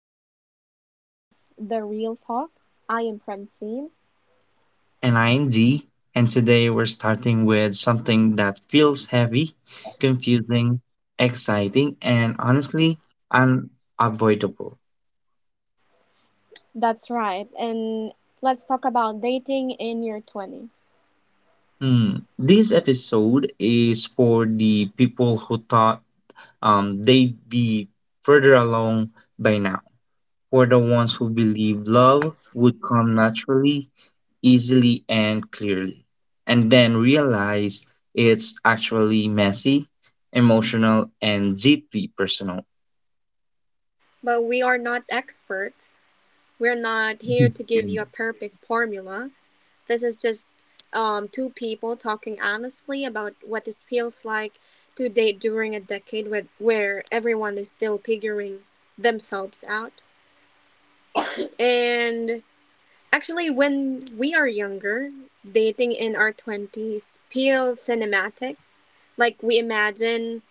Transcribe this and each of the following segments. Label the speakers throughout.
Speaker 1: dating in your 20s, the real talk. I am Francine.
Speaker 2: And IND, and today we're starting with something that feels heavy, confusing, exciting, and honestly unavoidable.
Speaker 1: That's right, and let's talk about dating in your 20s.
Speaker 2: Hmm. This episode is for the people who thought they'd be further along by now, for the ones who believe love would come naturally, easily and clearly, and then realize it's actually messy, emotional, and deeply personal.
Speaker 1: But we are not experts. We're not here to give
Speaker 2: Mm.
Speaker 1: you a perfect formula. This is just two people talking honestly about what it feels like to date during a decade where everyone is still figuring themselves out. And Actually, when we are younger, dating in our 20s feels cinematic. Like, we imagine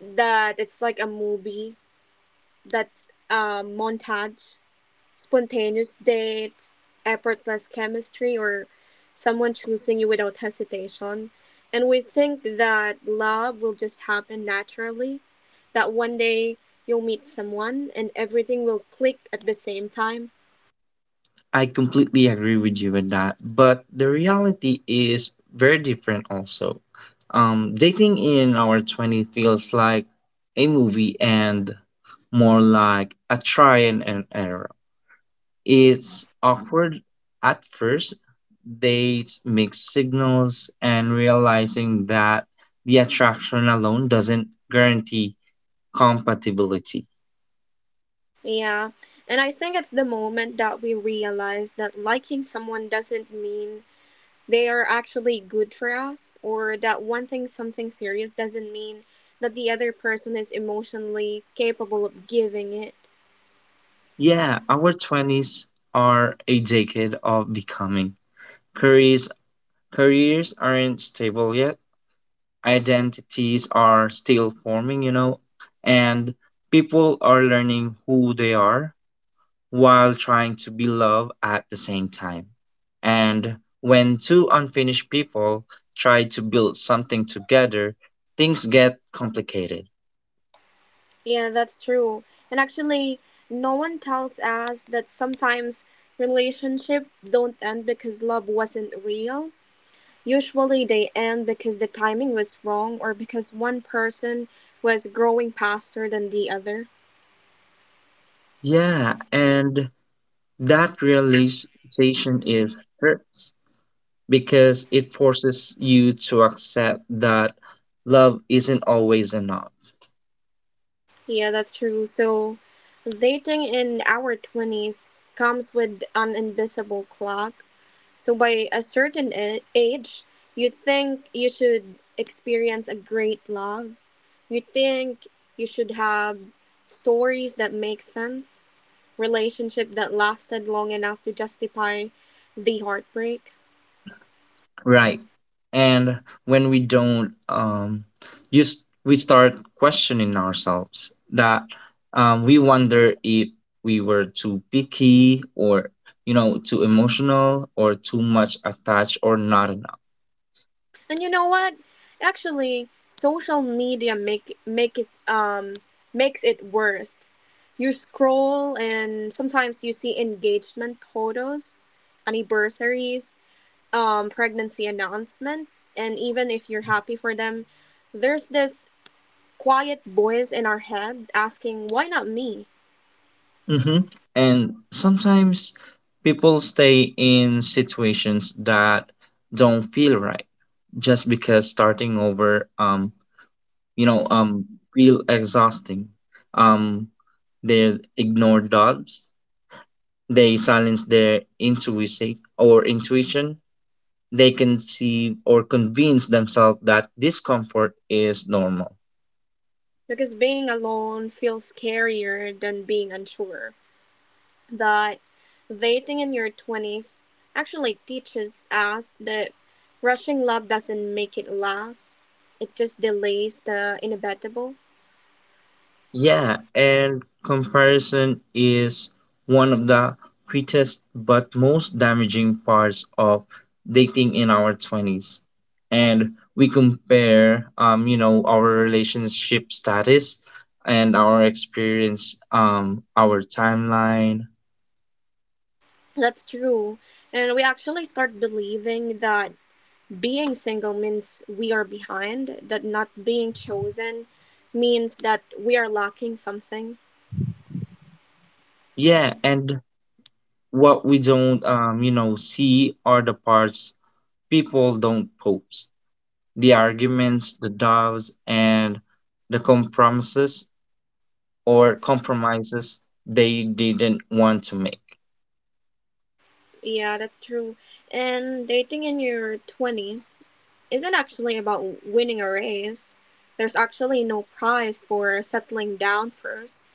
Speaker 1: that it's like a movie, that montage, spontaneous dates, effortless chemistry, or someone choosing you without hesitation. And we think that love will just happen naturally, that one day you'll meet someone and everything will click at the same time.
Speaker 2: I completely agree with you with that, but the reality is very different also. Dating in our 20 feels like a movie and more like a try and an error. It's awkward at first, dates, mixed signals, and realizing that the attraction alone doesn't guarantee compatibility.
Speaker 1: Yeah, and I think it's the moment that we realize that liking someone doesn't mean they are actually good for us, or that wanting something serious doesn't mean that the other person is emotionally capable of giving it.
Speaker 2: Yeah, our twenties are a decade of becoming. Careers, careers aren't stable yet, identities are still forming, you know, and people are learning who they are while trying to be loved at the same time. And when two unfinished people try to build something together, things get complicated.
Speaker 1: Yeah, that's true. And actually, no one tells us that sometimes relationships don't end because love wasn't real. Usually, they end because the timing was wrong or because one person was growing faster than the other.
Speaker 2: Yeah, and that realization is hurts because it forces you to accept that love isn't always enough.
Speaker 1: Yeah, that's true. So, dating in our 20s comes with an invisible clock. So, by a certain age, you think you should experience a great love. You think you should have stories that make sense, relationship that lasted long enough to justify the heartbreak.
Speaker 2: Right. And when we don't, you we start questioning ourselves that we wonder if we were too picky, or, you know, too emotional or too much attached or not enough.
Speaker 1: And you know what? Actually, social media make it um makes it worse. You scroll and sometimes you see engagement photos, anniversaries, pregnancy announcement, and even if you're happy for them, there's this quiet voice in our head asking, why not me?
Speaker 2: Hmm And sometimes people stay in situations that don't feel right just because starting over, you know, um, feel exhausting. Um, they ignore doubts, they silence their intuition or intuition, they conceive or convince themselves that discomfort is normal.
Speaker 1: Because being alone feels scarier than being unsure. That dating in your 20s actually teaches us that rushing love doesn't make it last, it just delays the inevitable.
Speaker 2: Yeah, and comparison is one of the quickest but most damaging parts of dating in our twenties, and we compare, you know, our relationship status and our experience, our timeline.
Speaker 1: That's true. And we actually start believing that being single means we are behind, that not being chosen means that we are lacking something.
Speaker 2: Yeah, and what we don't, you know, see are the parts people don't post, the arguments, the doubts and the compromises or compromises they didn't want to make.
Speaker 1: Yeah, that's true. And dating in your 20s isn't actually about winning a race. There's actually no prize for settling down first.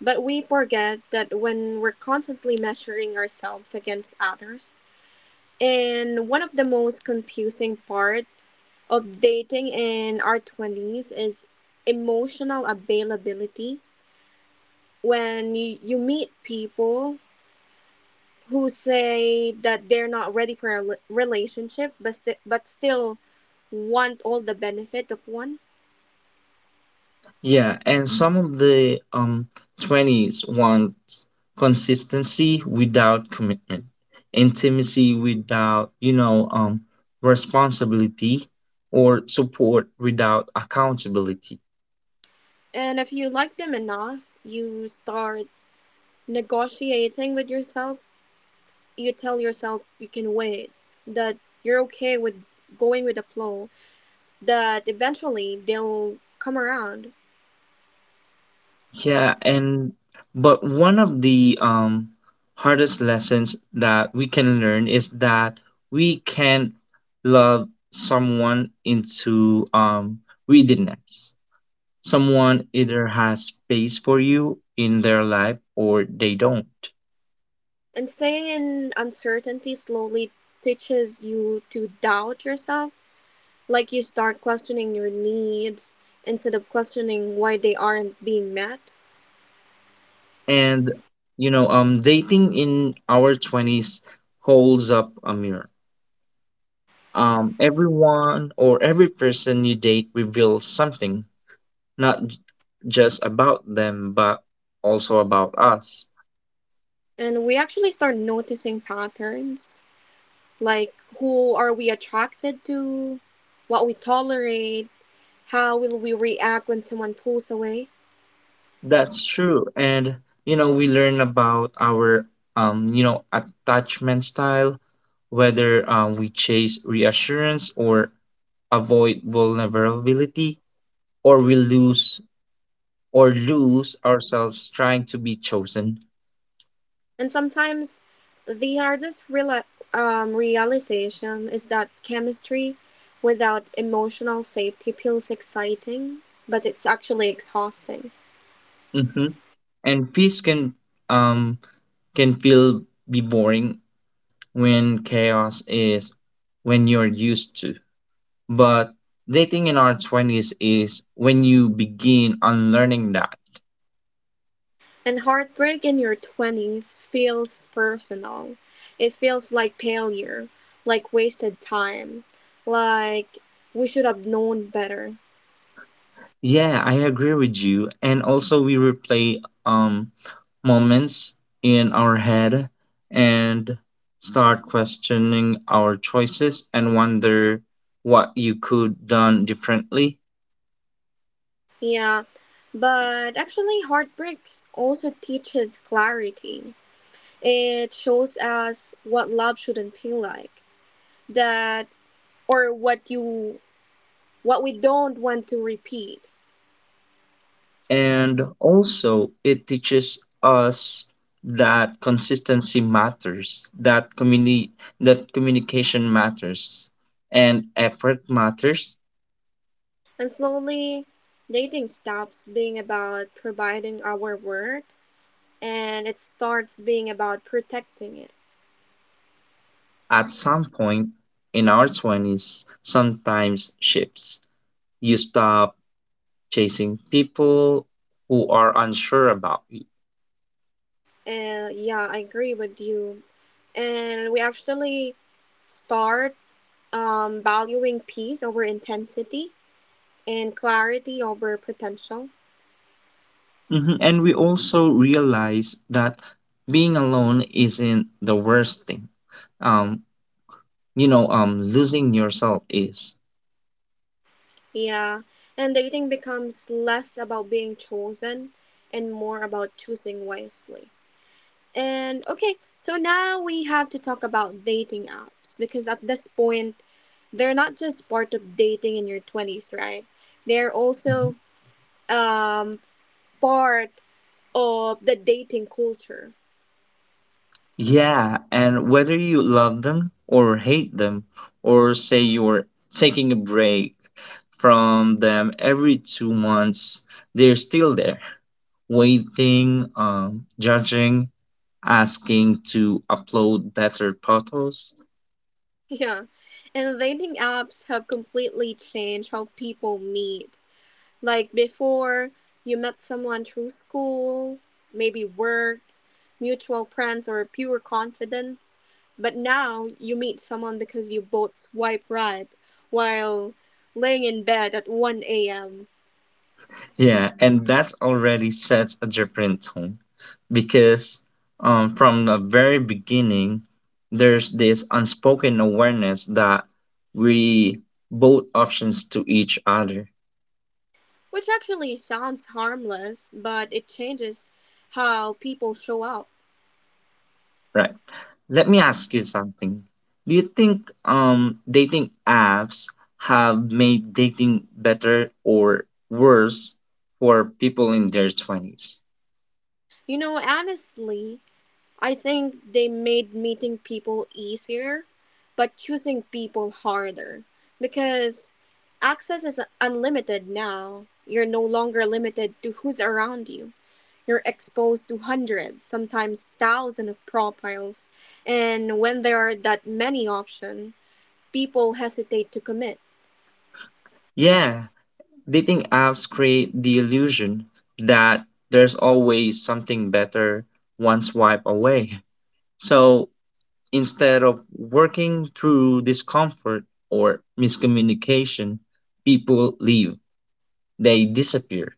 Speaker 1: But we forget that when we're constantly measuring ourselves against others, and one of the most confusing part of dating in our 20s is emotional availability. When you meet people who say that they're not ready for a relationship but still want all the benefit of one.
Speaker 2: Yeah, and some of the twenties want consistency without commitment, intimacy without, responsibility, or support without accountability.
Speaker 1: And if you like them enough, you start negotiating with yourself. You tell yourself you can wait, that you're okay with going with the flow, that eventually they'll come around.
Speaker 2: Yeah, and but one of the hardest lessons that we can learn is that we can't love someone into we didn't. Someone either has space for you in their life or they don't.
Speaker 1: And staying in uncertainty slowly teaches you to doubt yourself. Like you start questioning your needs instead of questioning why they aren't being met.
Speaker 2: And you know, dating in our twenties holds up a mirror. Everyone or every person you date reveals something, not j- just about them, but also about us.
Speaker 1: And we actually start noticing patterns, like who are we attracted to, what we tolerate, how will we react when someone pulls away.
Speaker 2: That's true. And, you know, we learn about our, you know, attachment style, whether we chase reassurance or avoid vulnerability, or we lose ourselves trying to be chosen.
Speaker 1: And sometimes the hardest realization is that chemistry without emotional safety feels exciting, but it's actually exhausting.
Speaker 2: Hmm And peace um can feel be boring when chaos is when you're used to. But dating in our twenties is when you begin unlearning that.
Speaker 1: And heartbreak in your 20s feels personal. It feels like failure, like wasted time, like we should have known better.
Speaker 2: Yeah, I agree with you. And also we replay moments in our head and start questioning our choices and wonder what you could done differently.
Speaker 1: Yeah, but actually, heartbreaks also teaches clarity. It shows us what love shouldn't feel like, that or what you what we don't want to repeat.
Speaker 2: And also, it teaches us that consistency matters, that communication matters, and effort matters.
Speaker 1: And slowly dating stops being about providing our word and it starts being about protecting it.
Speaker 2: At some point in our twenties, sometimes shifts. You stop chasing people who are unsure about you.
Speaker 1: And yeah, I agree with you. And we actually start valuing peace over intensity and clarity over potential.
Speaker 2: Mhm. And we also realize that being alone isn't the worst thing. Um, Losing yourself is.
Speaker 1: Yeah, and dating becomes less about being chosen and more about choosing wisely. And okay, so now we have to talk about dating apps because at this point, they're not just part of dating in your 20s, right? They're also um, part of the dating culture.
Speaker 2: Yeah, and whether you love them or hate them, or say you're taking a break from them every 2 months, they're still there, waiting, judging, asking to upload better photos.
Speaker 1: Yeah, and dating apps have completely changed how people meet. Like before, you met someone through school, maybe work, mutual friends or pure confidence. But now you meet someone because you both swipe right while laying in bed at 1 a.m.,
Speaker 2: Yeah, and that already sets a different tone because, from the very beginning, there's this unspoken awareness that we both options to each other.
Speaker 1: which actually sounds harmless, but it changes how people show up.
Speaker 2: Right. Let me ask you something. Do you think dating apps have made dating better or worse for people in their twenties?
Speaker 1: You know, honestly, I think they made meeting people easier, but choosing people harder because access is unlimited now. You're no longer limited to who's around you. You're exposed to hundreds, sometimes thousands of profiles, and when there are that many options, people hesitate to commit.
Speaker 2: Yeah, dating apps create the illusion that there's always something better one swipe away. So instead of working through discomfort or miscommunication, people leave. They disappear.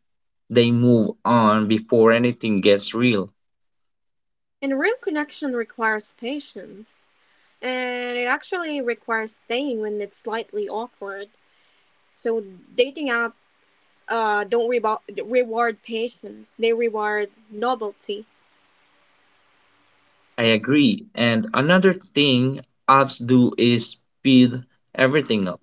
Speaker 2: They move on before anything gets real.
Speaker 1: And real connection requires patience, and it actually requires staying when it's slightly awkward. So dating apps don't reward patience; they reward novelty.
Speaker 2: I agree. And another thing apps do is speed everything up.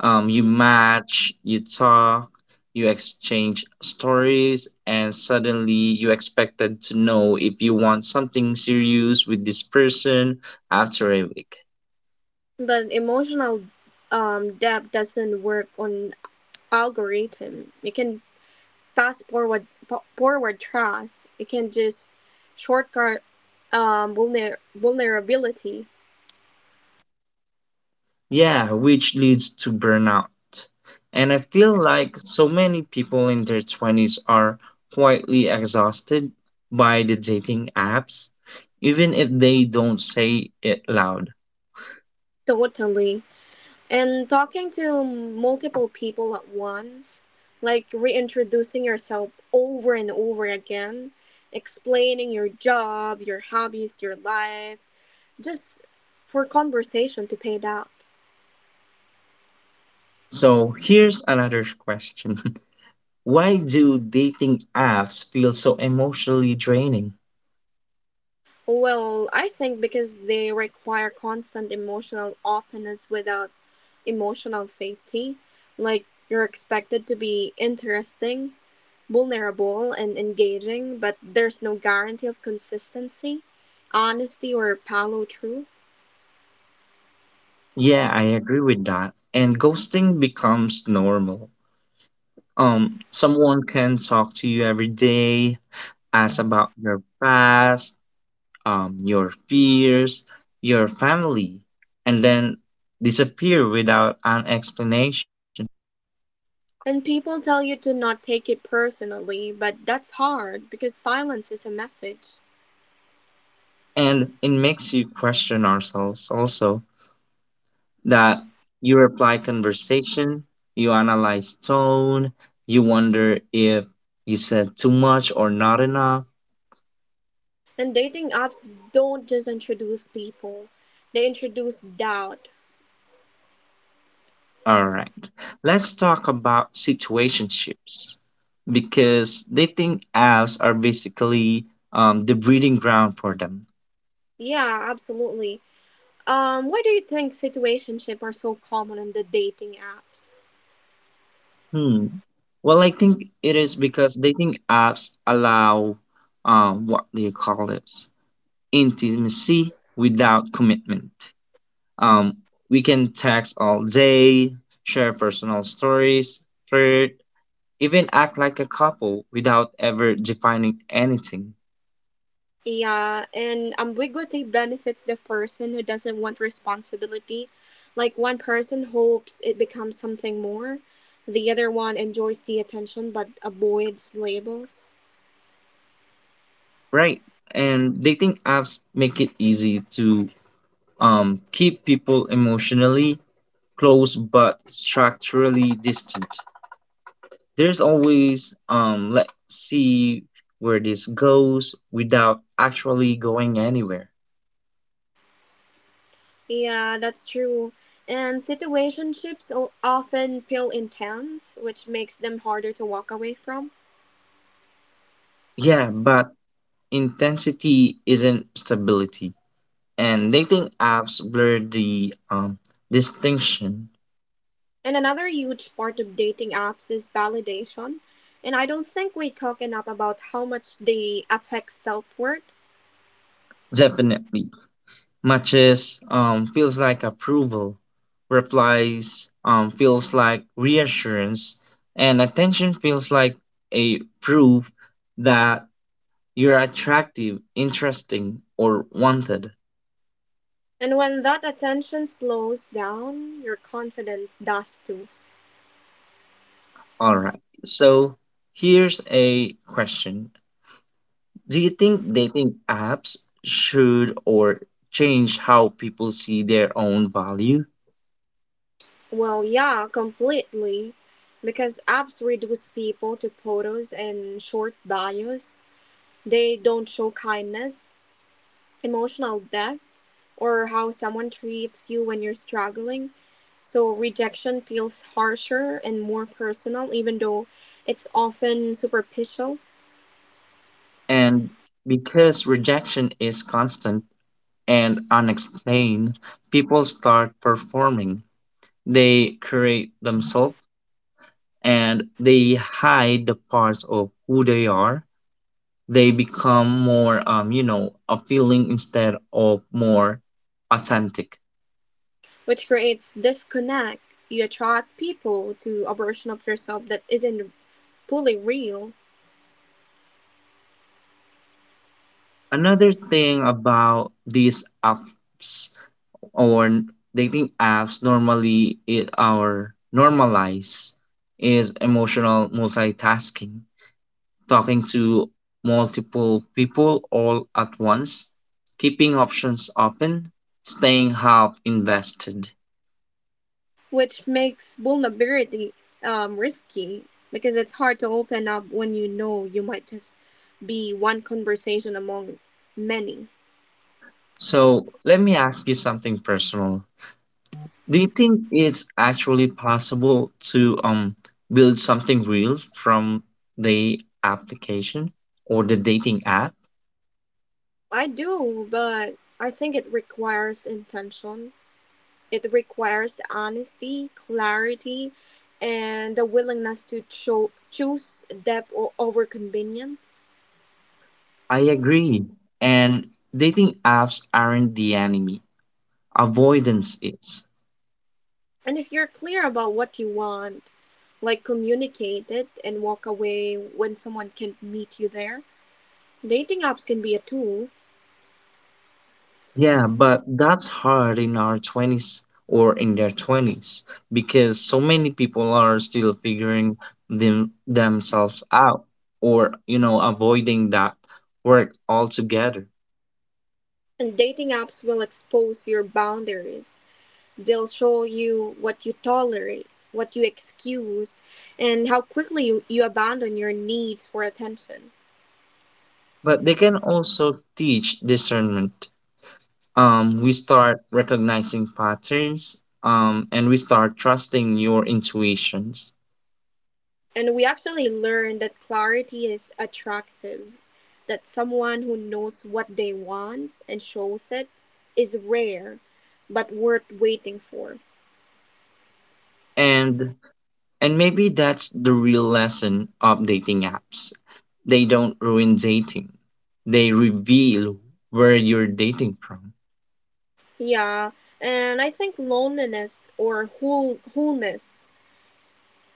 Speaker 2: You match, you talk, you exchange stories, and suddenly you expected to know if you want something serious with this person after a week.
Speaker 1: But emotional depth doesn't work on algorithm. It can fast forward trust. It can just shortcut vulnerability.
Speaker 2: Yeah, which leads to burnout. And I feel like so many people in their twenties are quietly exhausted by the dating apps, even if they don't say it loud.
Speaker 1: Totally. And talking to multiple people at once, like reintroducing yourself over and over again, explaining your job, your hobbies, your life, just for conversation to pay it out.
Speaker 2: So here's another question. Why do dating apps feel so emotionally draining?
Speaker 1: Well, I think because they require constant emotional openness without emotional safety. Like you're expected to be interesting, vulnerable, and engaging, but there's no guarantee of consistency, honesty, or follow through.
Speaker 2: Yeah, I agree with that. And ghosting becomes normal. Someone can talk to you every day, ask about your past, your fears, your family, and then disappear without an explanation.
Speaker 1: And people tell you to not take it personally, but that's hard because silence is a message.
Speaker 2: And it makes you question ourselves also that you reply conversation, you analyze tone, you wonder if you said too much or not enough.
Speaker 1: And dating apps don't just introduce people, they introduce doubt.
Speaker 2: All right, let's talk about situationships because dating apps are basically, the breeding ground for them.
Speaker 1: Yeah, absolutely. Why do you think situationship are so common on the dating apps?
Speaker 2: Hmm. Well, I think it is because dating apps allow, what do you call this? Intimacy without commitment. Um, we can text all day, share personal stories, flirt, even act like a couple without ever defining anything,
Speaker 1: Yeah, and ambiguity benefits the person who doesn't want responsibility. Like one person hopes it becomes something more, the other one enjoys the attention but avoids labels.
Speaker 2: right? And dating apps make it easy to, keep people emotionally close but structurally distant. There's always let's see where this goes without actually going anywhere.
Speaker 1: Yeah, that's true. And situationships often feel intense, which makes them harder to walk away from.
Speaker 2: Yeah, but intensity isn't stability. And dating apps blur the distinction.
Speaker 1: And another huge part of dating apps is validation. And I don't think we talk enough about how much they affect self worth.
Speaker 2: Definitely. Matches feels like approval, replies feels like reassurance, and attention feels like a proof that you're attractive, interesting, or wanted.
Speaker 1: And when that attention slows down, your confidence does too.
Speaker 2: All right. So here's a question. Do you think dating apps should or change how people see their own value?
Speaker 1: Well, yeah, completely. Because apps reduce people to photos and short bios. They don't show kindness, emotional depth, or how someone treats you when you're struggling. So rejection feels harsher and more personal, even though it's often superficial,
Speaker 2: And because rejection is constant and unexplained, people start performing. They create themselves and they hide the parts of who they are. They become more, you know, appealing instead of more authentic.
Speaker 1: which creates disconnect. You attract people to a version of yourself that isn't fully real,
Speaker 2: Another thing about these apps or dating apps normally it our normalize is emotional multitasking, talking to multiple people all at once, keeping options open, staying half invested.
Speaker 1: which makes vulnerability risky because it's hard to open up when you know you might just be one conversation among many.
Speaker 2: So let me ask you something personal. Do you think it's actually possible to build something real from the application or the dating app?
Speaker 1: I do, but I think it requires intention. It requires honesty, clarity, and the willingness to choose depth over convenience.
Speaker 2: I agree. And dating apps aren't the enemy. Avoidance is.
Speaker 1: And if you're clear about what you want, like communicate it and walk away when someone can not meet you there. Dating apps can be a tool,
Speaker 2: Yeah, but that's hard in our twenties or in their twenties because so many people are still figuring themselves out or you know avoiding that work altogether.
Speaker 1: and dating apps will expose your boundaries. They'll show you what you tolerate, what you excuse, and how quickly you abandon your needs for attention.
Speaker 2: But they can also teach discernment. We start recognizing patterns, and we start trusting your intuitions.
Speaker 1: And we actually learn that clarity is attractive, that someone who knows what they want and shows it is rare, but worth waiting for.
Speaker 2: And and maybe that's the real lesson of dating apps. They don't ruin dating. They reveal where you're dating from.
Speaker 1: Yeah, and I think loneliness or wholeness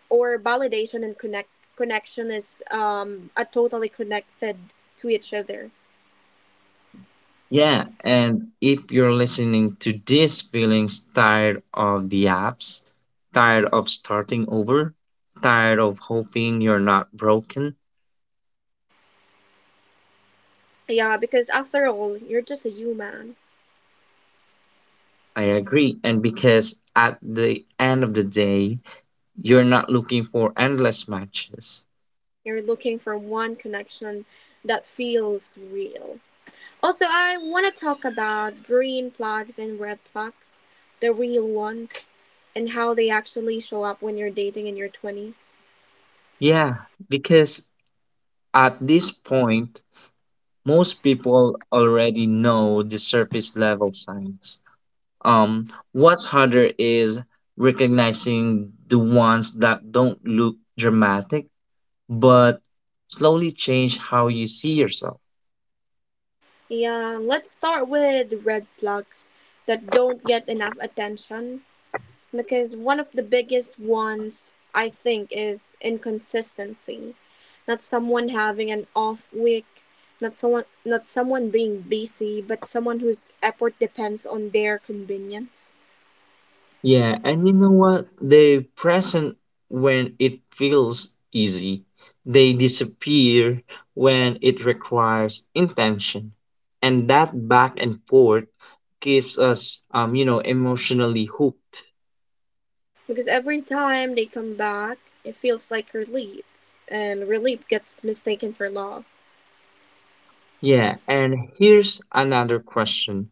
Speaker 1: or validation and connection is are totally connected to each other.
Speaker 2: Yeah, and if you're listening to this feeling tired of the apps, tired of starting over, tired of hoping you're not broken,
Speaker 1: Yeah, because after all, you're just a human.
Speaker 2: I agree. And because at the end of the day, you're not looking for endless matches.
Speaker 1: You're looking for one connection that feels real. Also, I want to talk about green flags and red flags, the real ones, and how they actually show up when you're dating in your 20s.
Speaker 2: Yeah, because at this point, most people already know the surface level signs. Um, what's harder is recognizing the ones that don't look dramatic, but slowly change how you see yourself.
Speaker 1: Yeah, let's start with red flags that don't get enough attention because one of the biggest ones I think is inconsistency. Not someone having an off week, not someone being busy, but someone whose effort depends on their convenience.
Speaker 2: Yeah, and you know what? They're present when it feels easy. They disappear when it requires intention. And that back and forth keeps us, you know, emotionally hooked.
Speaker 1: Because every time they come back, it feels like relief, and relief gets mistaken for love.
Speaker 2: Yeah, and here's another question.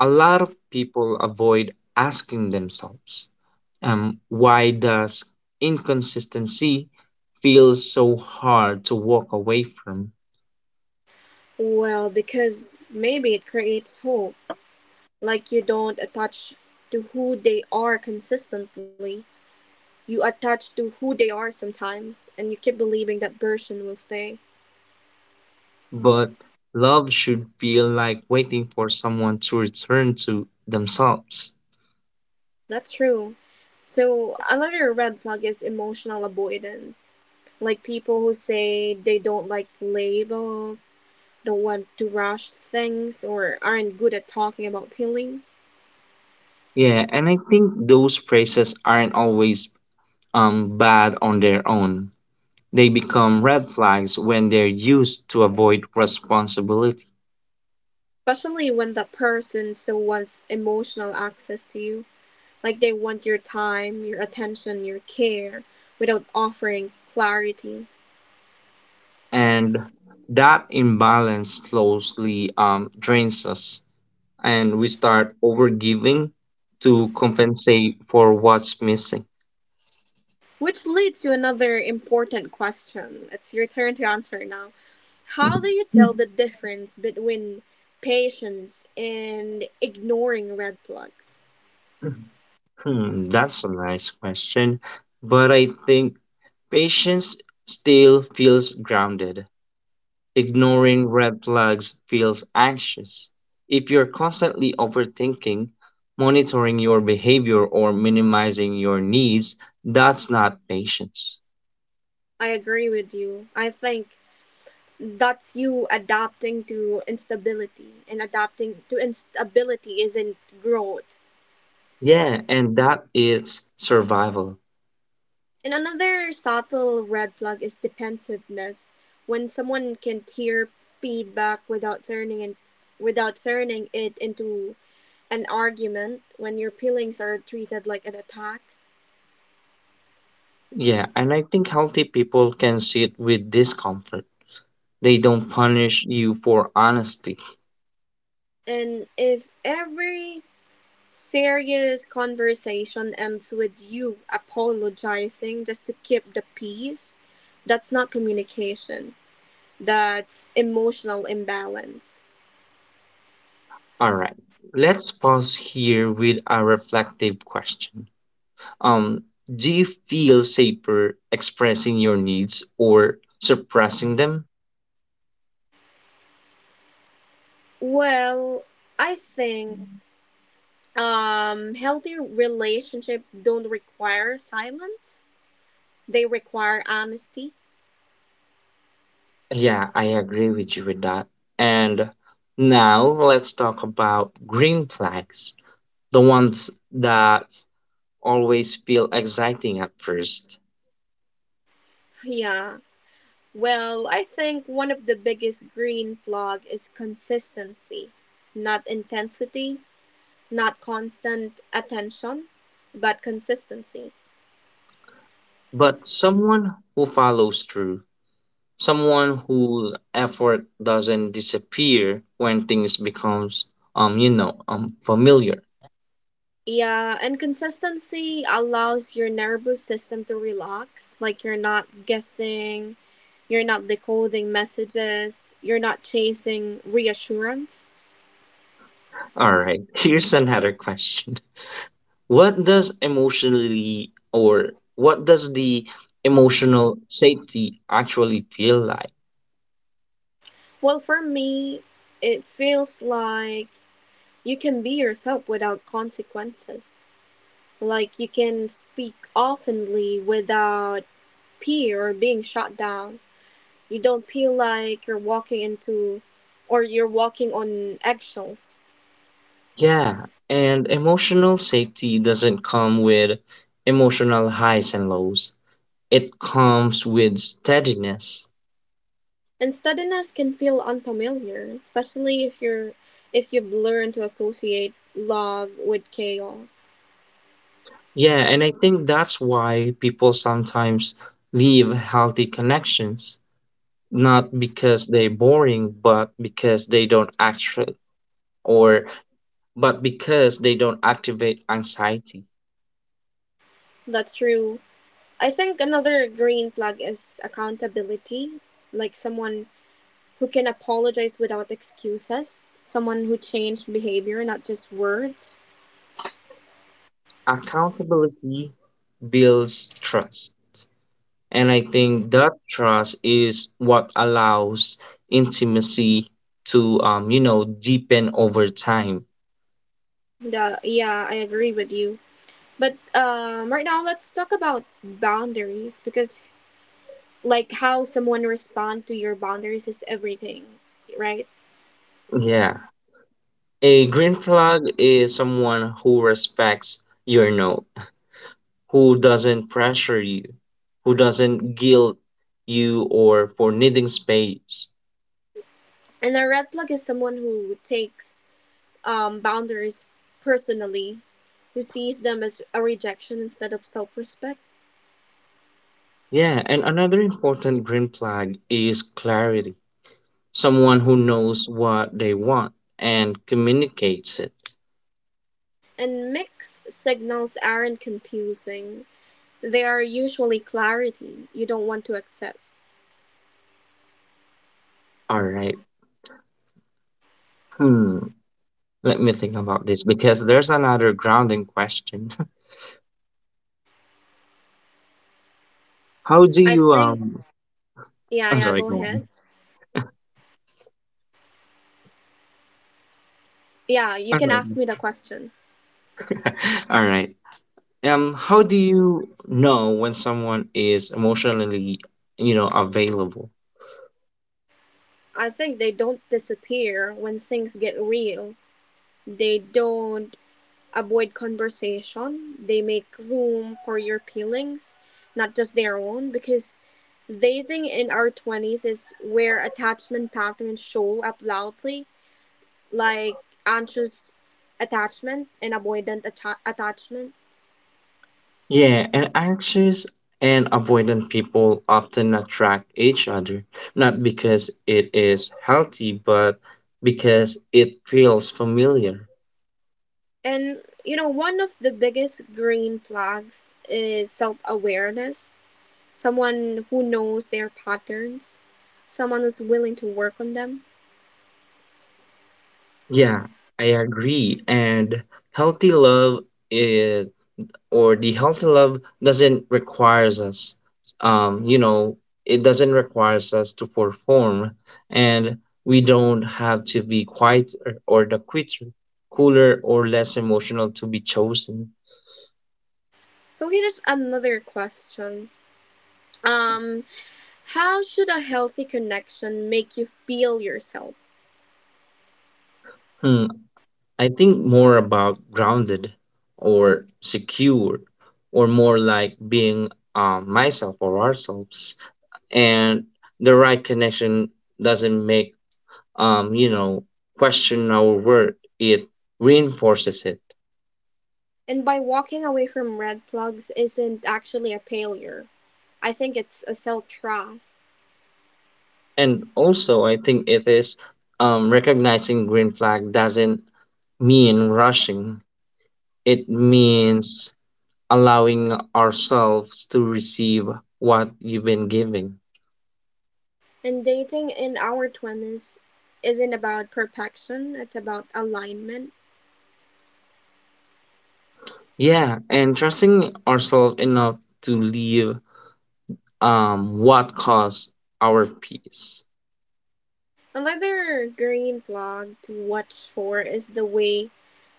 Speaker 2: A lot of people avoid asking themselves, why does inconsistency feel so hard to walk away from?
Speaker 1: Well, because maybe it creates hope, like you don't attach to who they are consistently. You attach to who they are sometimes, and you keep believing that person will stay.
Speaker 2: But love should feel like waiting for someone to return to themselves.
Speaker 1: That's true. So, another red flag is emotional avoidance. Like people who say they don't like labels, don't want to rush things, or aren't good at talking about feelings.
Speaker 2: Yeah, and I think those phrases aren't always bad on their own. They become red flags when they're used to avoid responsibility.
Speaker 1: Especially when that person still wants emotional access to you. Like they want your time, your attention, your care, without offering clarity.
Speaker 2: And that imbalance slowly drains us, and we start overgiving to compensate for what's missing.
Speaker 1: Which leads to another important question. It's your turn to answer now. How do you tell the difference between patience and ignoring red flags?
Speaker 2: Hmm, that's a nice question, but I think patience still feels grounded. Ignoring red flags feels anxious. If you're constantly overthinking, monitoring your behavior, or minimizing your needs, that's not patience.
Speaker 1: I agree with you. I think that's you adapting to instability, and adapting to instability isn't growth.
Speaker 2: Yeah, and that is survival.
Speaker 1: And another subtle red flag is defensiveness. When someone can hear feedback without turning it into an argument, when your feelings are treated like an attack.
Speaker 2: Yeah, and I think healthy people can sit with discomfort. They don't punish you for honesty.
Speaker 1: And if every serious conversation ends with you apologizing just to keep the peace, that's not communication. That's emotional imbalance.
Speaker 2: All right. Let's pause here with a reflective question. Do you feel safer expressing your needs or suppressing them?
Speaker 1: Well, I think healthy relationship don't require silence. They require honesty.
Speaker 2: Yeah, I agree with you with that. And now let's talk about green flags, the ones that always feel exciting at first,
Speaker 1: Yeah, well, I think one of the biggest green flag is consistency. Not intensity, not constant attention, but consistency.
Speaker 2: but someone who follows through, someone whose effort doesn't disappear when things becomes familiar.
Speaker 1: Yeah, and consistency allows your nervous system to relax. Like you're not guessing, you're not decoding messages, you're not chasing reassurance.
Speaker 2: All right. Here's another question. What does emotionally or what does the emotional safety actually feel like?
Speaker 1: Well, for me, it feels like you can be yourself without consequences. Like you can speak openly without fear or being shut down. You don't feel like you're walking into or you're walking on eggshells.
Speaker 2: Yeah, and emotional safety doesn't come with emotional highs and lows, it comes with steadiness.
Speaker 1: And steadiness can feel unfamiliar, especially if you've learned to associate love with chaos.
Speaker 2: Yeah, and I think that's why people sometimes leave healthy connections, not because they're boring, but because they don't actually or but because they don't activate anxiety.
Speaker 1: That's true. I think another green flag is accountability, like someone who can apologize without excuses, someone who changed behavior, not just words.
Speaker 2: Accountability builds trust. And I think that trust is what allows intimacy to, you know, deepen over time.
Speaker 1: I agree with you. But right now, let's talk about boundaries because, like, how someone responds to your boundaries is everything, right?
Speaker 2: Yeah. A green flag is someone who respects your no, who doesn't pressure you, who doesn't guilt you or for needing space.
Speaker 1: And a red flag is someone who takes boundaries personally, who sees them as a rejection instead of self respect.
Speaker 2: Yeah, and another important green flag is clarity. Someone who knows what they want and communicates it.
Speaker 1: And mixed signals aren't confusing, they are usually clarity you don't want to accept.
Speaker 2: All right. Hmm. Let me think about this because there's another grounding question. How do
Speaker 1: I
Speaker 2: you
Speaker 1: think, yeah,
Speaker 2: I'm
Speaker 1: yeah,
Speaker 2: sorry,
Speaker 1: go
Speaker 2: go on.
Speaker 1: ahead. Yeah, you
Speaker 2: I'm
Speaker 1: can
Speaker 2: sorry.
Speaker 1: ask me the question.
Speaker 2: All right. How do you know when someone is emotionally, available?
Speaker 1: I think they don't disappear when things get real. They don't avoid conversation. They make room for your feelings, not just their own, because dating in our 20s is where attachment patterns show up loudly, like anxious attachment.
Speaker 2: Yeah, and anxious and avoidant people often attract each other, not because it is healthy, but because it feels familiar.
Speaker 1: And you know, one of the biggest green flags is self awareness. Someone who knows their patterns, someone who's willing to work on them.
Speaker 2: Yeah, I agree. And healthy love is, or the healthy love doesn't requires us, um, you know, it doesn't requires us to perform, and we don't have to be quiet or the quitter, cooler or less emotional to be chosen.
Speaker 1: So here's another question. Um, how should a healthy connection make you feel yourself?
Speaker 2: Hmm. I think more about grounded or secure or more like being myself or ourselves. And the right connection doesn't make, um, you know, question our worth, it reinforces it.
Speaker 1: And by walking away from red plugs isn't actually a failure. I think it's a self trust.
Speaker 2: And also, I think it is recognizing green flag doesn't mean rushing, it means allowing ourselves to receive what you've been giving.
Speaker 1: And dating in our 20s isn't about perfection, it's about alignment.
Speaker 2: Yeah, and trusting ourselves enough to leave what caused our peace.
Speaker 1: Another green plug to watch for is the way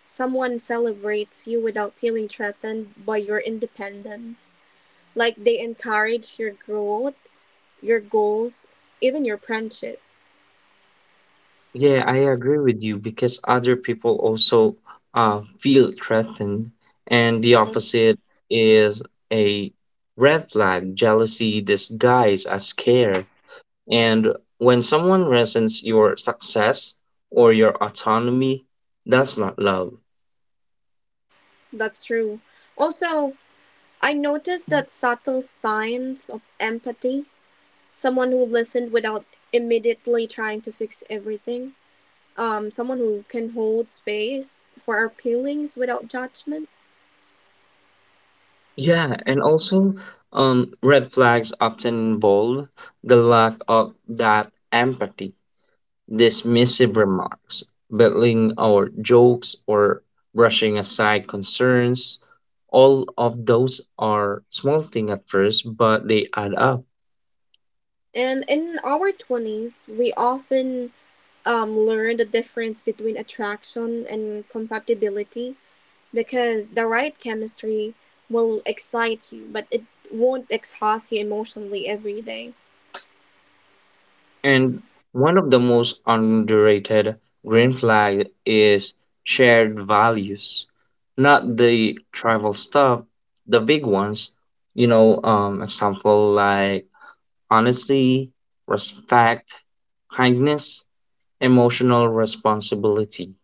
Speaker 1: someone celebrates you without feeling threatened by your independence. Like they encourage your growth, your goals, even your friendship.
Speaker 2: Yeah, I agree with you because other people also feel threatened and the
Speaker 1: Mhm.
Speaker 2: opposite is a red flag, jealousy disguised as care. And when someone resents your success or your autonomy, that's not love.
Speaker 1: That's true. Also, I noticed that subtle signs of empathy. Someone who listened without immediately trying to fix everything. Someone who can hold space for our feelings without judgment.
Speaker 2: Yeah, and also, red flags often involve the lack of that empathy, dismissive remarks, belittling our jokes, or brushing aside concerns. All of those are small thing at first, but they add up.
Speaker 1: And in our 20s, we often learn the difference between attraction and compatibility because the right chemistry will excite you, but it won't exhaust you emotionally every day.
Speaker 2: And one of the most underrated green flag is shared values, not the tribal stuff, the big ones, example like honesty, respect, kindness, emotional responsibility.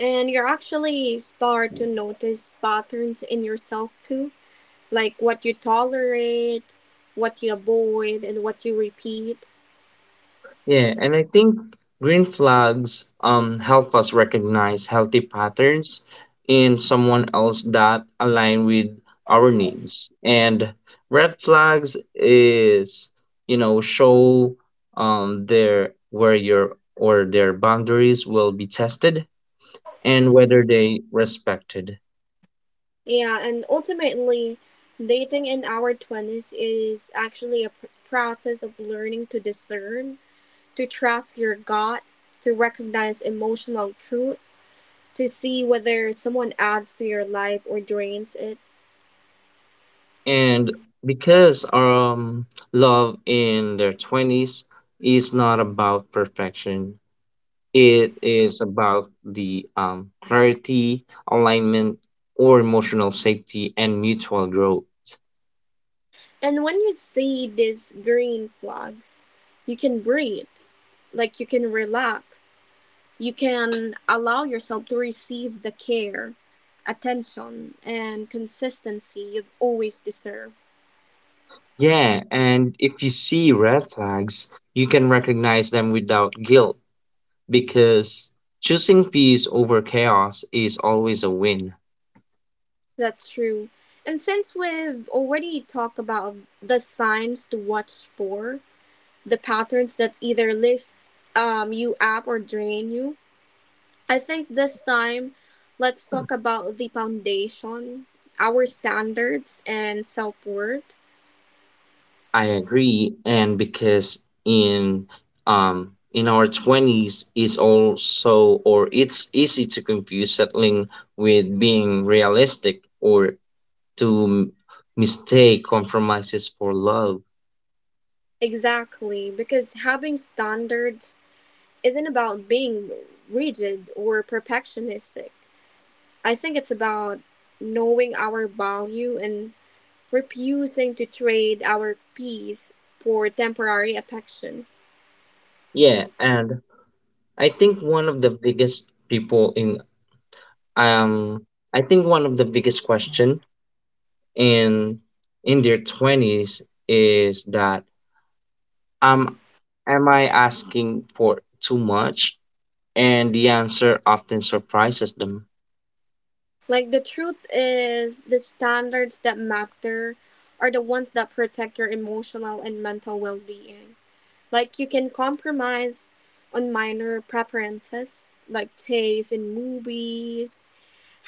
Speaker 1: And you actually start to notice patterns in yourself too, like what you tolerate, what you avoid, and what you repeat.
Speaker 2: Yeah, and I think green flags help us recognize healthy patterns in someone else that align with our needs. And red flags is, show their where your or their boundaries will be tested and whether they respected.
Speaker 1: Yeah, and ultimately, dating in our 20s is actually a process of learning to discern, to trust your gut, to recognize emotional truth, to see whether someone adds to your life or drains it.
Speaker 2: And because love in their 20s is not about perfection. It is about the clarity, alignment, or emotional safety and mutual growth.
Speaker 1: And when you see these green flags, you can breathe, like you can relax. You can allow yourself to receive the care, attention, and consistency you've always deserved.
Speaker 2: Yeah, and if you see red flags, you can recognize them without guilt because choosing peace over chaos is always a win.
Speaker 1: That's true. And since we've already talked about the signs to watch for, the patterns that either lift you up or drain you. I think this time, let's talk about the foundation, our standards, and self worth.
Speaker 2: I agree, and because in in our 20s is also or it's easy to confuse settling with being realistic or to mistake compromises for love.
Speaker 1: Exactly, because having standards isn't about being rigid or perfectionistic. I think it's about knowing our value and refusing to trade our peace for temporary affection.
Speaker 2: Yeah, and I think one of the biggest people in um I think one of the biggest question in in their 20s is that um am I asking for too much? And the answer often surprises them.
Speaker 1: Like the truth is the standards that matter are the ones that protect your emotional and mental well-being. Like you can compromise on minor preferences like taste in movies,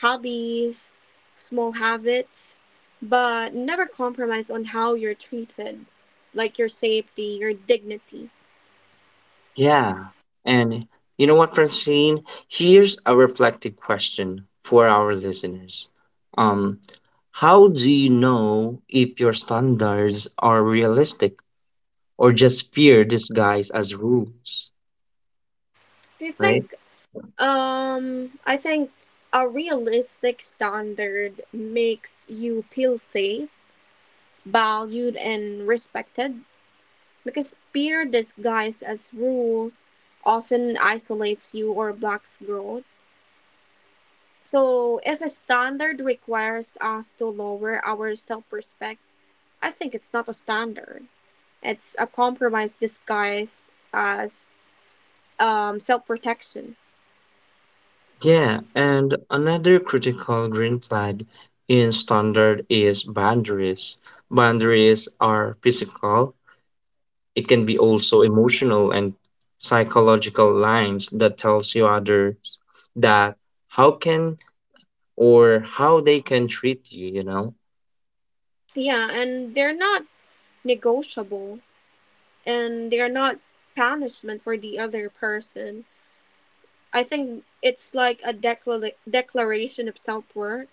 Speaker 1: hobbies, small habits, but never compromise on how you're treated, like your safety, your dignity.
Speaker 2: Yeah. And you know what, Francine? Here's a reflective question for our listeners. Um, how do you know if your standards are realistic or just fear disguised as rules,
Speaker 1: I
Speaker 2: right?
Speaker 1: think I think a realistic standard makes you feel safe, valued and respected because peer disguised as rules often isolates you or blocks growth. So, if a standard requires us to lower our self respect, I think it's not a standard. It's a compromise disguised as self protection.
Speaker 2: Yeah, and another critical green flag in standard is boundaries. Boundaries are physical, it can be also emotional and psychological lines that tells you others that how can or how they can treat you, you know,
Speaker 1: Yeah, and they're not negotiable and they're not punishment for the other person. I think it's like a declaration of self worth.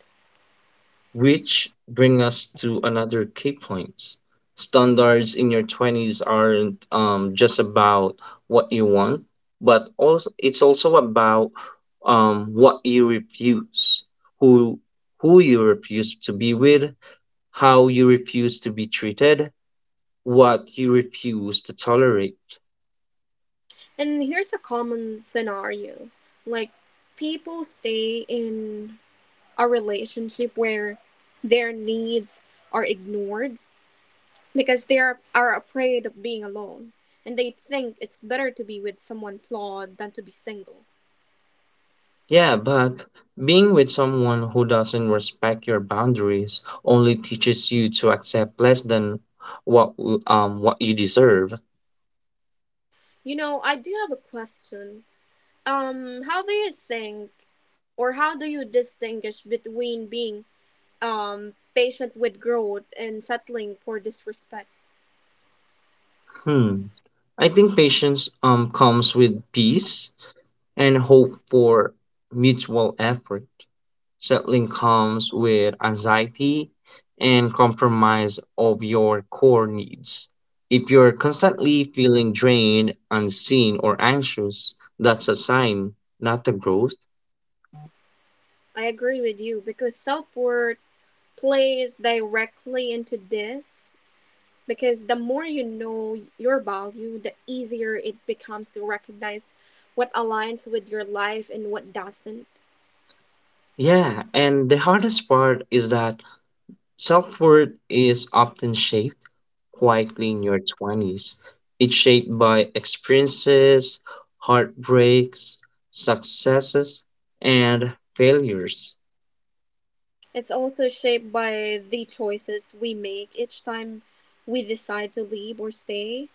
Speaker 2: which bring us to another key points. Standards in your 20s aren't, just about what you want but also it's also about what you refuse, who who you refuse to be with, how you refuse to be treated, what you refuse to tolerate.
Speaker 1: And here's a common scenario like, people stay in a relationship where their needs are ignored because they are afraid of being alone and they think it's better to be with someone flawed than to be single.
Speaker 2: Yeah, but being with someone who doesn't respect your boundaries only teaches you to accept less than what you deserve.
Speaker 1: You know, I do have a question. How do you think or how do you distinguish between being patient with growth and settling for disrespect?
Speaker 2: Hmm. I think patience comes with peace and hope for mutual effort. Settling comes with anxiety and compromise of your core needs. If you're constantly feeling drained, unseen, or anxious, that's a sign, not a growth.
Speaker 1: I agree with you because self worth plays directly into this because the more you know your value, the easier it becomes to recognize what aligns with your life and what doesn't.
Speaker 2: Yeah, and the hardest part is that self worth is often shaped quietly in your 20s. It's shaped by experiences, heartbreaks, successes, and failures.
Speaker 1: It's also shaped by the choices we make each time we decide to leave or stay.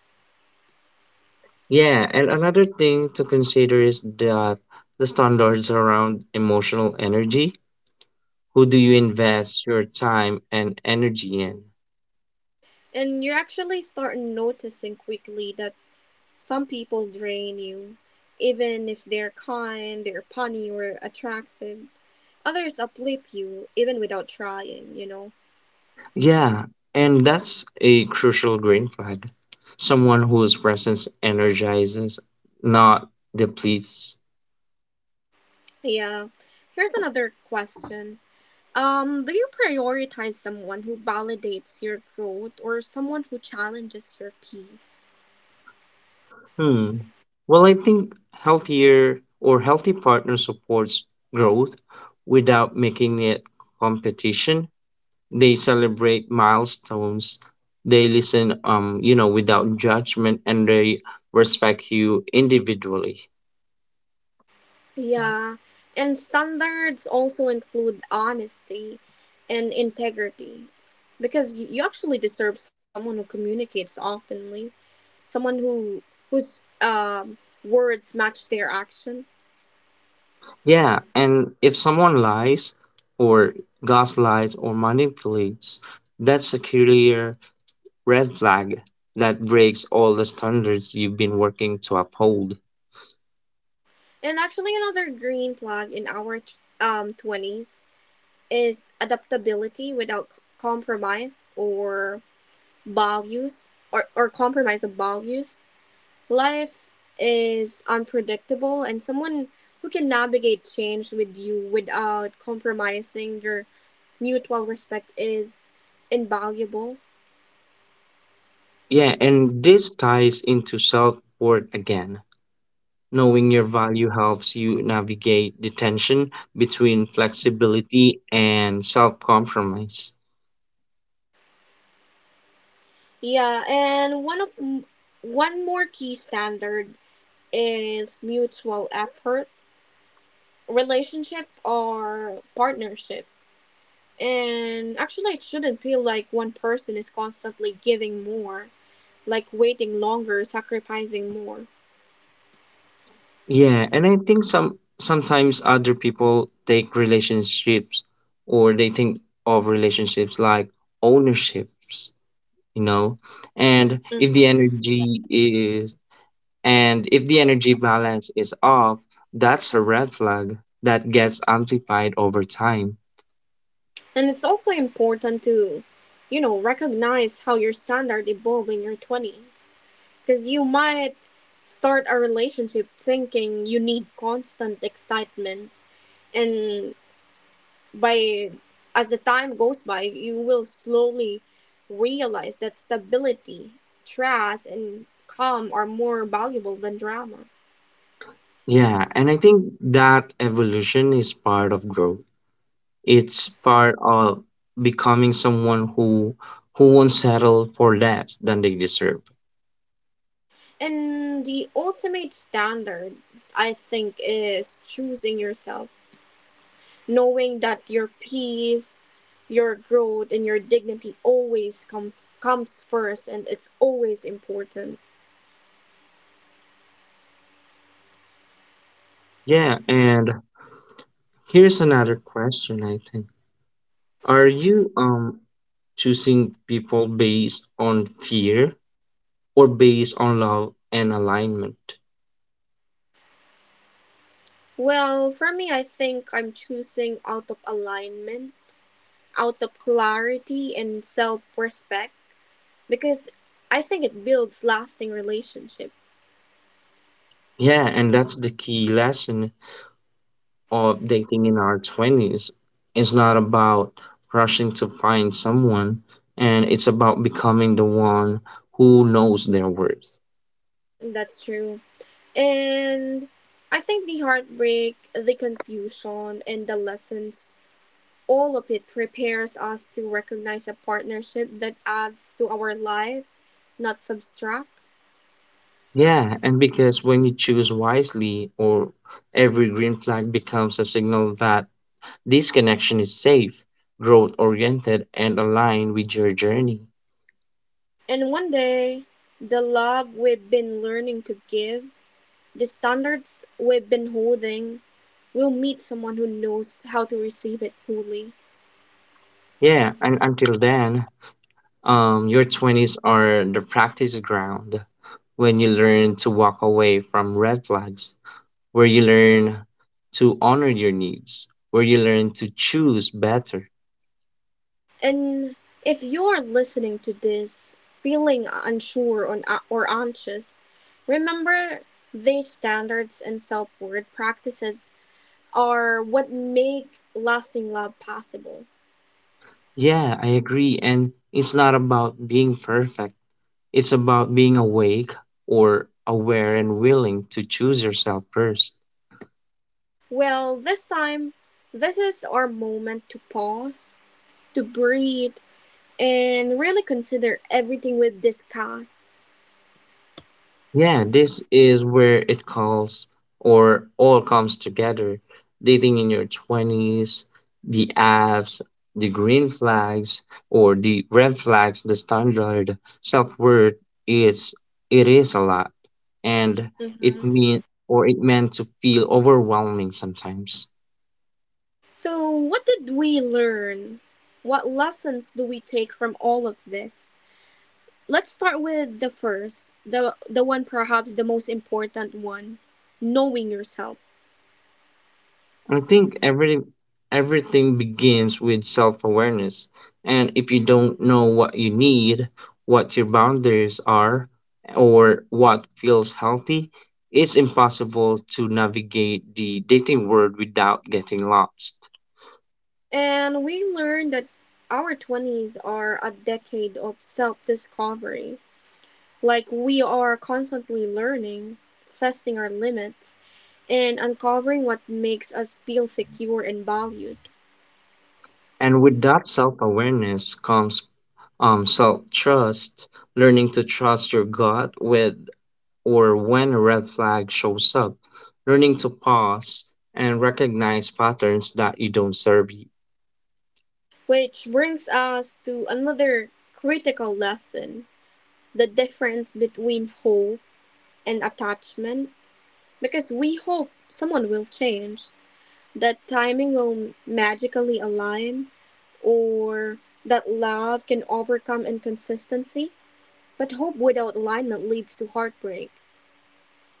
Speaker 2: Yeah, and another thing to consider is that the standards around emotional energy. Who do you invest your time and energy in?
Speaker 1: And you actually start noticing quickly that some people drain you, even if they're kind, they're funny, or attractive. Others uplift you, even without trying, you know.
Speaker 2: Yeah, and that's a crucial green flag. Someone whose presence energizes, not depletes.
Speaker 1: Yeah. Here's another question. Do you prioritize someone who validates your growth or someone who challenges your peace?
Speaker 2: Hmm. Well, I think healthier or healthy partner supports growth without making it competition. They celebrate milestones. They listen, without judgment, and they respect you individually.
Speaker 1: Yeah. And standards also include honesty and integrity because you actually deserve someone who communicates openly, someone who whose words match their action.
Speaker 2: Yeah, and if someone lies, or gaslights, or manipulates, that's a clear red flag that breaks all the standards you've been working to uphold.
Speaker 1: And actually another green flag in our 20s is adaptability without compromise or compromise of values. Life is unpredictable and someone who can navigate change with you without compromising your mutual respect is invaluable.
Speaker 2: Yeah, and this ties into self worth again. Knowing your value helps you navigate the tension between flexibility and self-compromise.
Speaker 1: Yeah, and one more key standard is mutual effort, relationship or partnership. And actually, it shouldn't feel like one person is constantly giving more, like waiting longer, sacrificing more.
Speaker 2: Yeah, and I think sometimes other people take relationships or they think of relationships like ownerships, you know? And if the
Speaker 1: Mhm.
Speaker 2: energy is and if the energy balance is off, that's a red flag that gets amplified over time.
Speaker 1: And it's also important to, you know, recognize how your standard evolve in your 20s. Because you might start a relationship thinking you need constant excitement. And by, as the time goes by, you will slowly realize that stability, trust, and calm are more valuable than drama.
Speaker 2: Yeah, and I think that evolution is part of growth, it's part of becoming someone who won't settle for less than they deserve.
Speaker 1: And the ultimate standard, I think, is choosing yourself, knowing that your peace, your growth, and your dignity always comes first, and it's always important.
Speaker 2: Yeah, and here's another question. I think, are you choosing people based on fear or based on love and alignment?
Speaker 1: Well, for me, I think I'm choosing out of alignment, out of clarity, and self-respect because I think it builds lasting relationship.
Speaker 2: Yeah, and that's the key lesson of dating in our 20s. It's not about rushing to find someone, and it's about becoming the one who knows their worth.
Speaker 1: That's true. And I think the heartbreak, the confusion, and the lessons, all of it prepares us to recognize a partnership that adds to our life, not subtract.
Speaker 2: Yeah, and because when you choose wisely, or every green flag becomes a signal that this connection is safe, growth oriented, and aligned with your journey.
Speaker 1: And one day, the love we've been learning to give, the standards we've been holding, will meet someone who knows how to receive it fully.
Speaker 2: Yeah, and until then, your 20s are the practice ground when you learn to walk away from red flags, where you learn to honor your needs, where you learn to choose better.
Speaker 1: And if you're listening to this feeling unsure or anxious, remember these standards and self worth practices are what make lasting love possible.
Speaker 2: Yeah, I agree. And it's not about being perfect. It's about being awake or aware and willing to choose yourself first.
Speaker 1: Well, this time, this is our moment to pause, to breathe, and really consider everything we've discussed.
Speaker 2: Yeah, this is where it calls or all comes together. Dating in your 20s, the apps, the green flags or the red flags, the standard self-worth is, it is a lot, and it
Speaker 1: Mhm.
Speaker 2: mean or it meant to feel overwhelming sometimes.
Speaker 1: So, what did we learn? What lessons do we take from all of this? Let's start with the first, the one perhaps the most important one, knowing yourself.
Speaker 2: I think everything begins with self-awareness. And if you don't know what you need, what your boundaries are, or what feels healthy, it's impossible to navigate the dating world without getting lost.
Speaker 1: And we learned that our 20s are a decade of self-discovery. Like we are constantly learning, testing our limits, and uncovering what makes us feel secure and valued.
Speaker 2: And with that self-awareness comes, self-trust, learning to trust your gut with or when a red flag shows up, learning to pause and recognize patterns that you don't serve you.
Speaker 1: Which brings us to another critical lesson, the difference between hope and attachment. Because we hope someone will change, that timing will magically align, or that love can overcome inconsistency. But hope without alignment leads to heartbreak.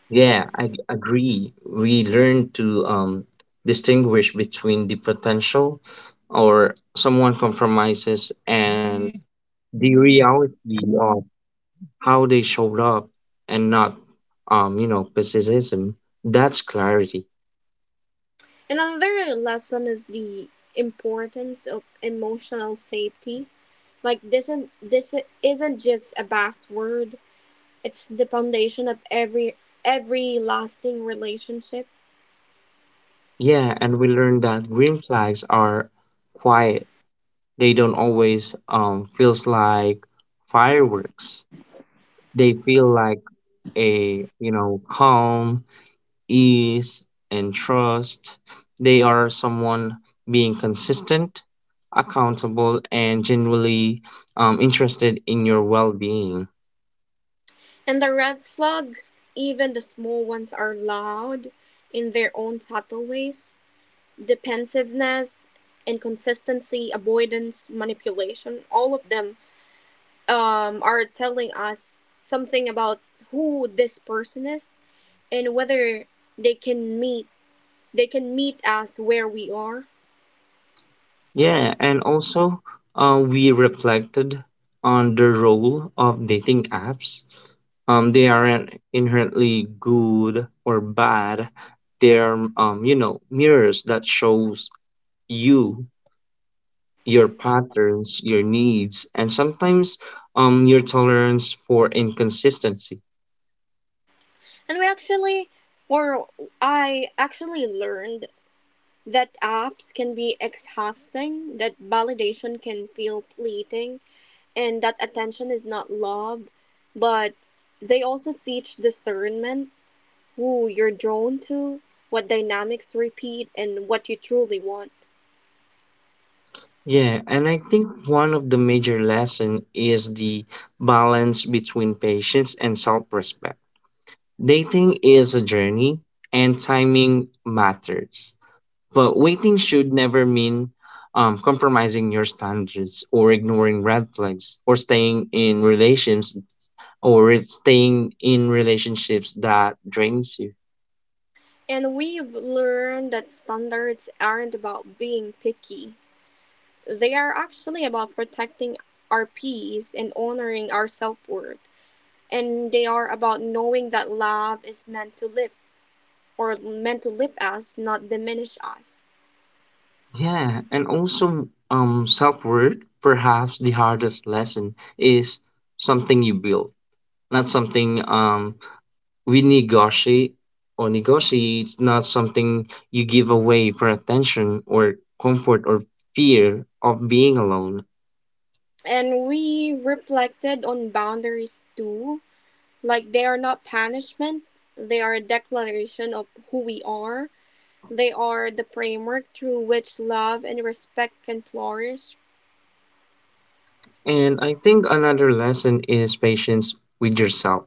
Speaker 2: Yeah, agree. We learn to distinguish between the potential or someone compromises and the reality of how they showed up and not, pessimism. That's clarity.
Speaker 1: Another lesson is the importance of emotional safety. Like this isn't just a buzzword; it's the foundation of every lasting relationship.
Speaker 2: Yeah, and we learn that green flags are quiet, they don't always feels like fireworks. They feel like a, you know, calm, ease, and trust. They are someone being consistent, accountable, and genuinely interested in your well-being.
Speaker 1: And the red flags, even the small ones, are loud in their own subtle ways. Defensiveness, inconsistency, avoidance, manipulation, all of them are telling us something about who this person is and whether they can meet they can meet us where we are.
Speaker 2: Yeah, and also we reflected on the role of dating apps. They aren't inherently good or bad. They're mirrors that shows you your patterns, your needs, and sometimes your tolerance for inconsistency.
Speaker 1: And we actually or I actually learned that apps can be exhausting, that validation can feel fleeting, and that attention is not love, but they also teach discernment, who you're drawn to, what dynamics repeat, and what you truly want.
Speaker 2: Yeah, and I think one of the major lesson is the balance between patience and self-respect. Dating is a journey and timing matters. But waiting should never mean compromising your standards or ignoring red flags or staying in relations or it's staying in relationships that drains you.
Speaker 1: And we've learned that standards aren't about being picky. They are actually about protecting our peace and honoring our self worth. And they are about knowing that love is meant to lift or meant to lift us, not diminish us.
Speaker 2: Yeah, and also self-worth, perhaps the hardest lesson is something you build, not something we negotiate or negotiate, it's not something you give away for attention or comfort or fear of being alone.
Speaker 1: And we reflected on boundaries too. Like they are not punishment, they are a declaration of who we are. They are the framework through which love and respect can flourish.
Speaker 2: And I think another lesson is patience with yourself,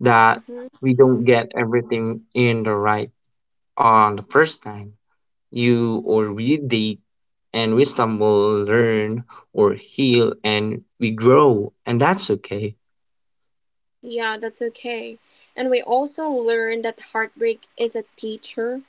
Speaker 2: that
Speaker 1: Hmm.
Speaker 2: we don't get everything in the right on the first time you or we date, and we stumble, learn, or heal, and we grow, and that's okay.
Speaker 1: Yeah, that's okay. And we also learn that heartbreak is a teacher.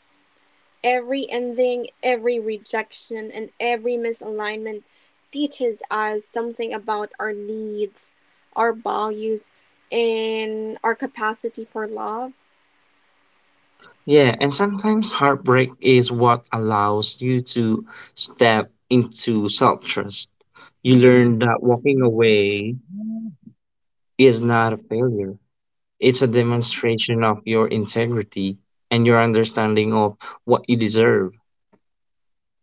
Speaker 1: Every ending, every rejection, and every misalignment teaches us something about our needs, our values, and our capacity for love.
Speaker 2: Yeah, and sometimes heartbreak is what allows you to step into self trust. You learn that walking away is not a failure, it's a
Speaker 1: Mm-hmm.
Speaker 2: demonstration of your integrity and your understanding of what you deserve.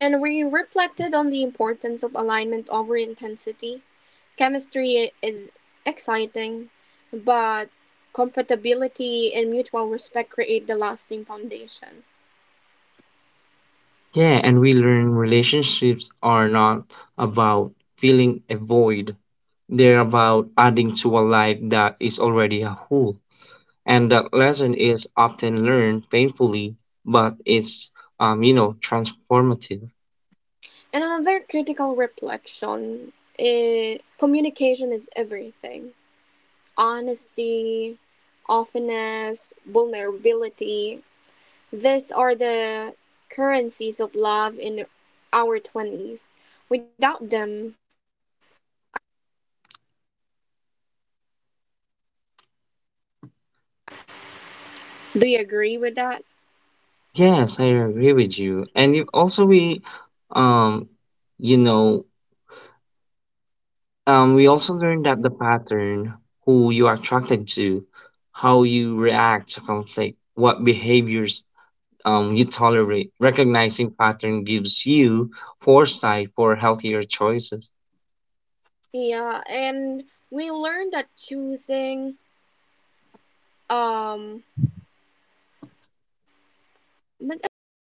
Speaker 1: And we reflected on the importance of alignment over intensity. Chemistry is exciting, but compatibility and mutual respect create the lasting foundation.
Speaker 2: Yeah, and we learn relationships are not about filling a void, they're about adding to a life that is already a whole. And that lesson is often learned painfully, but it's transformative.
Speaker 1: And another critical reflection is communication is everything. Honesty, openness, vulnerability. These are the currencies of love in our 20s. Without them,
Speaker 2: Yes, I agree with you. And you also we um you know we also learn that the pattern, who you are attracted to, how you react to conflict, what behaviors you tolerate. Recognizing pattern gives you foresight for healthier choices.
Speaker 3: Yeah, and we learned that choosing, um, nag-ano ba?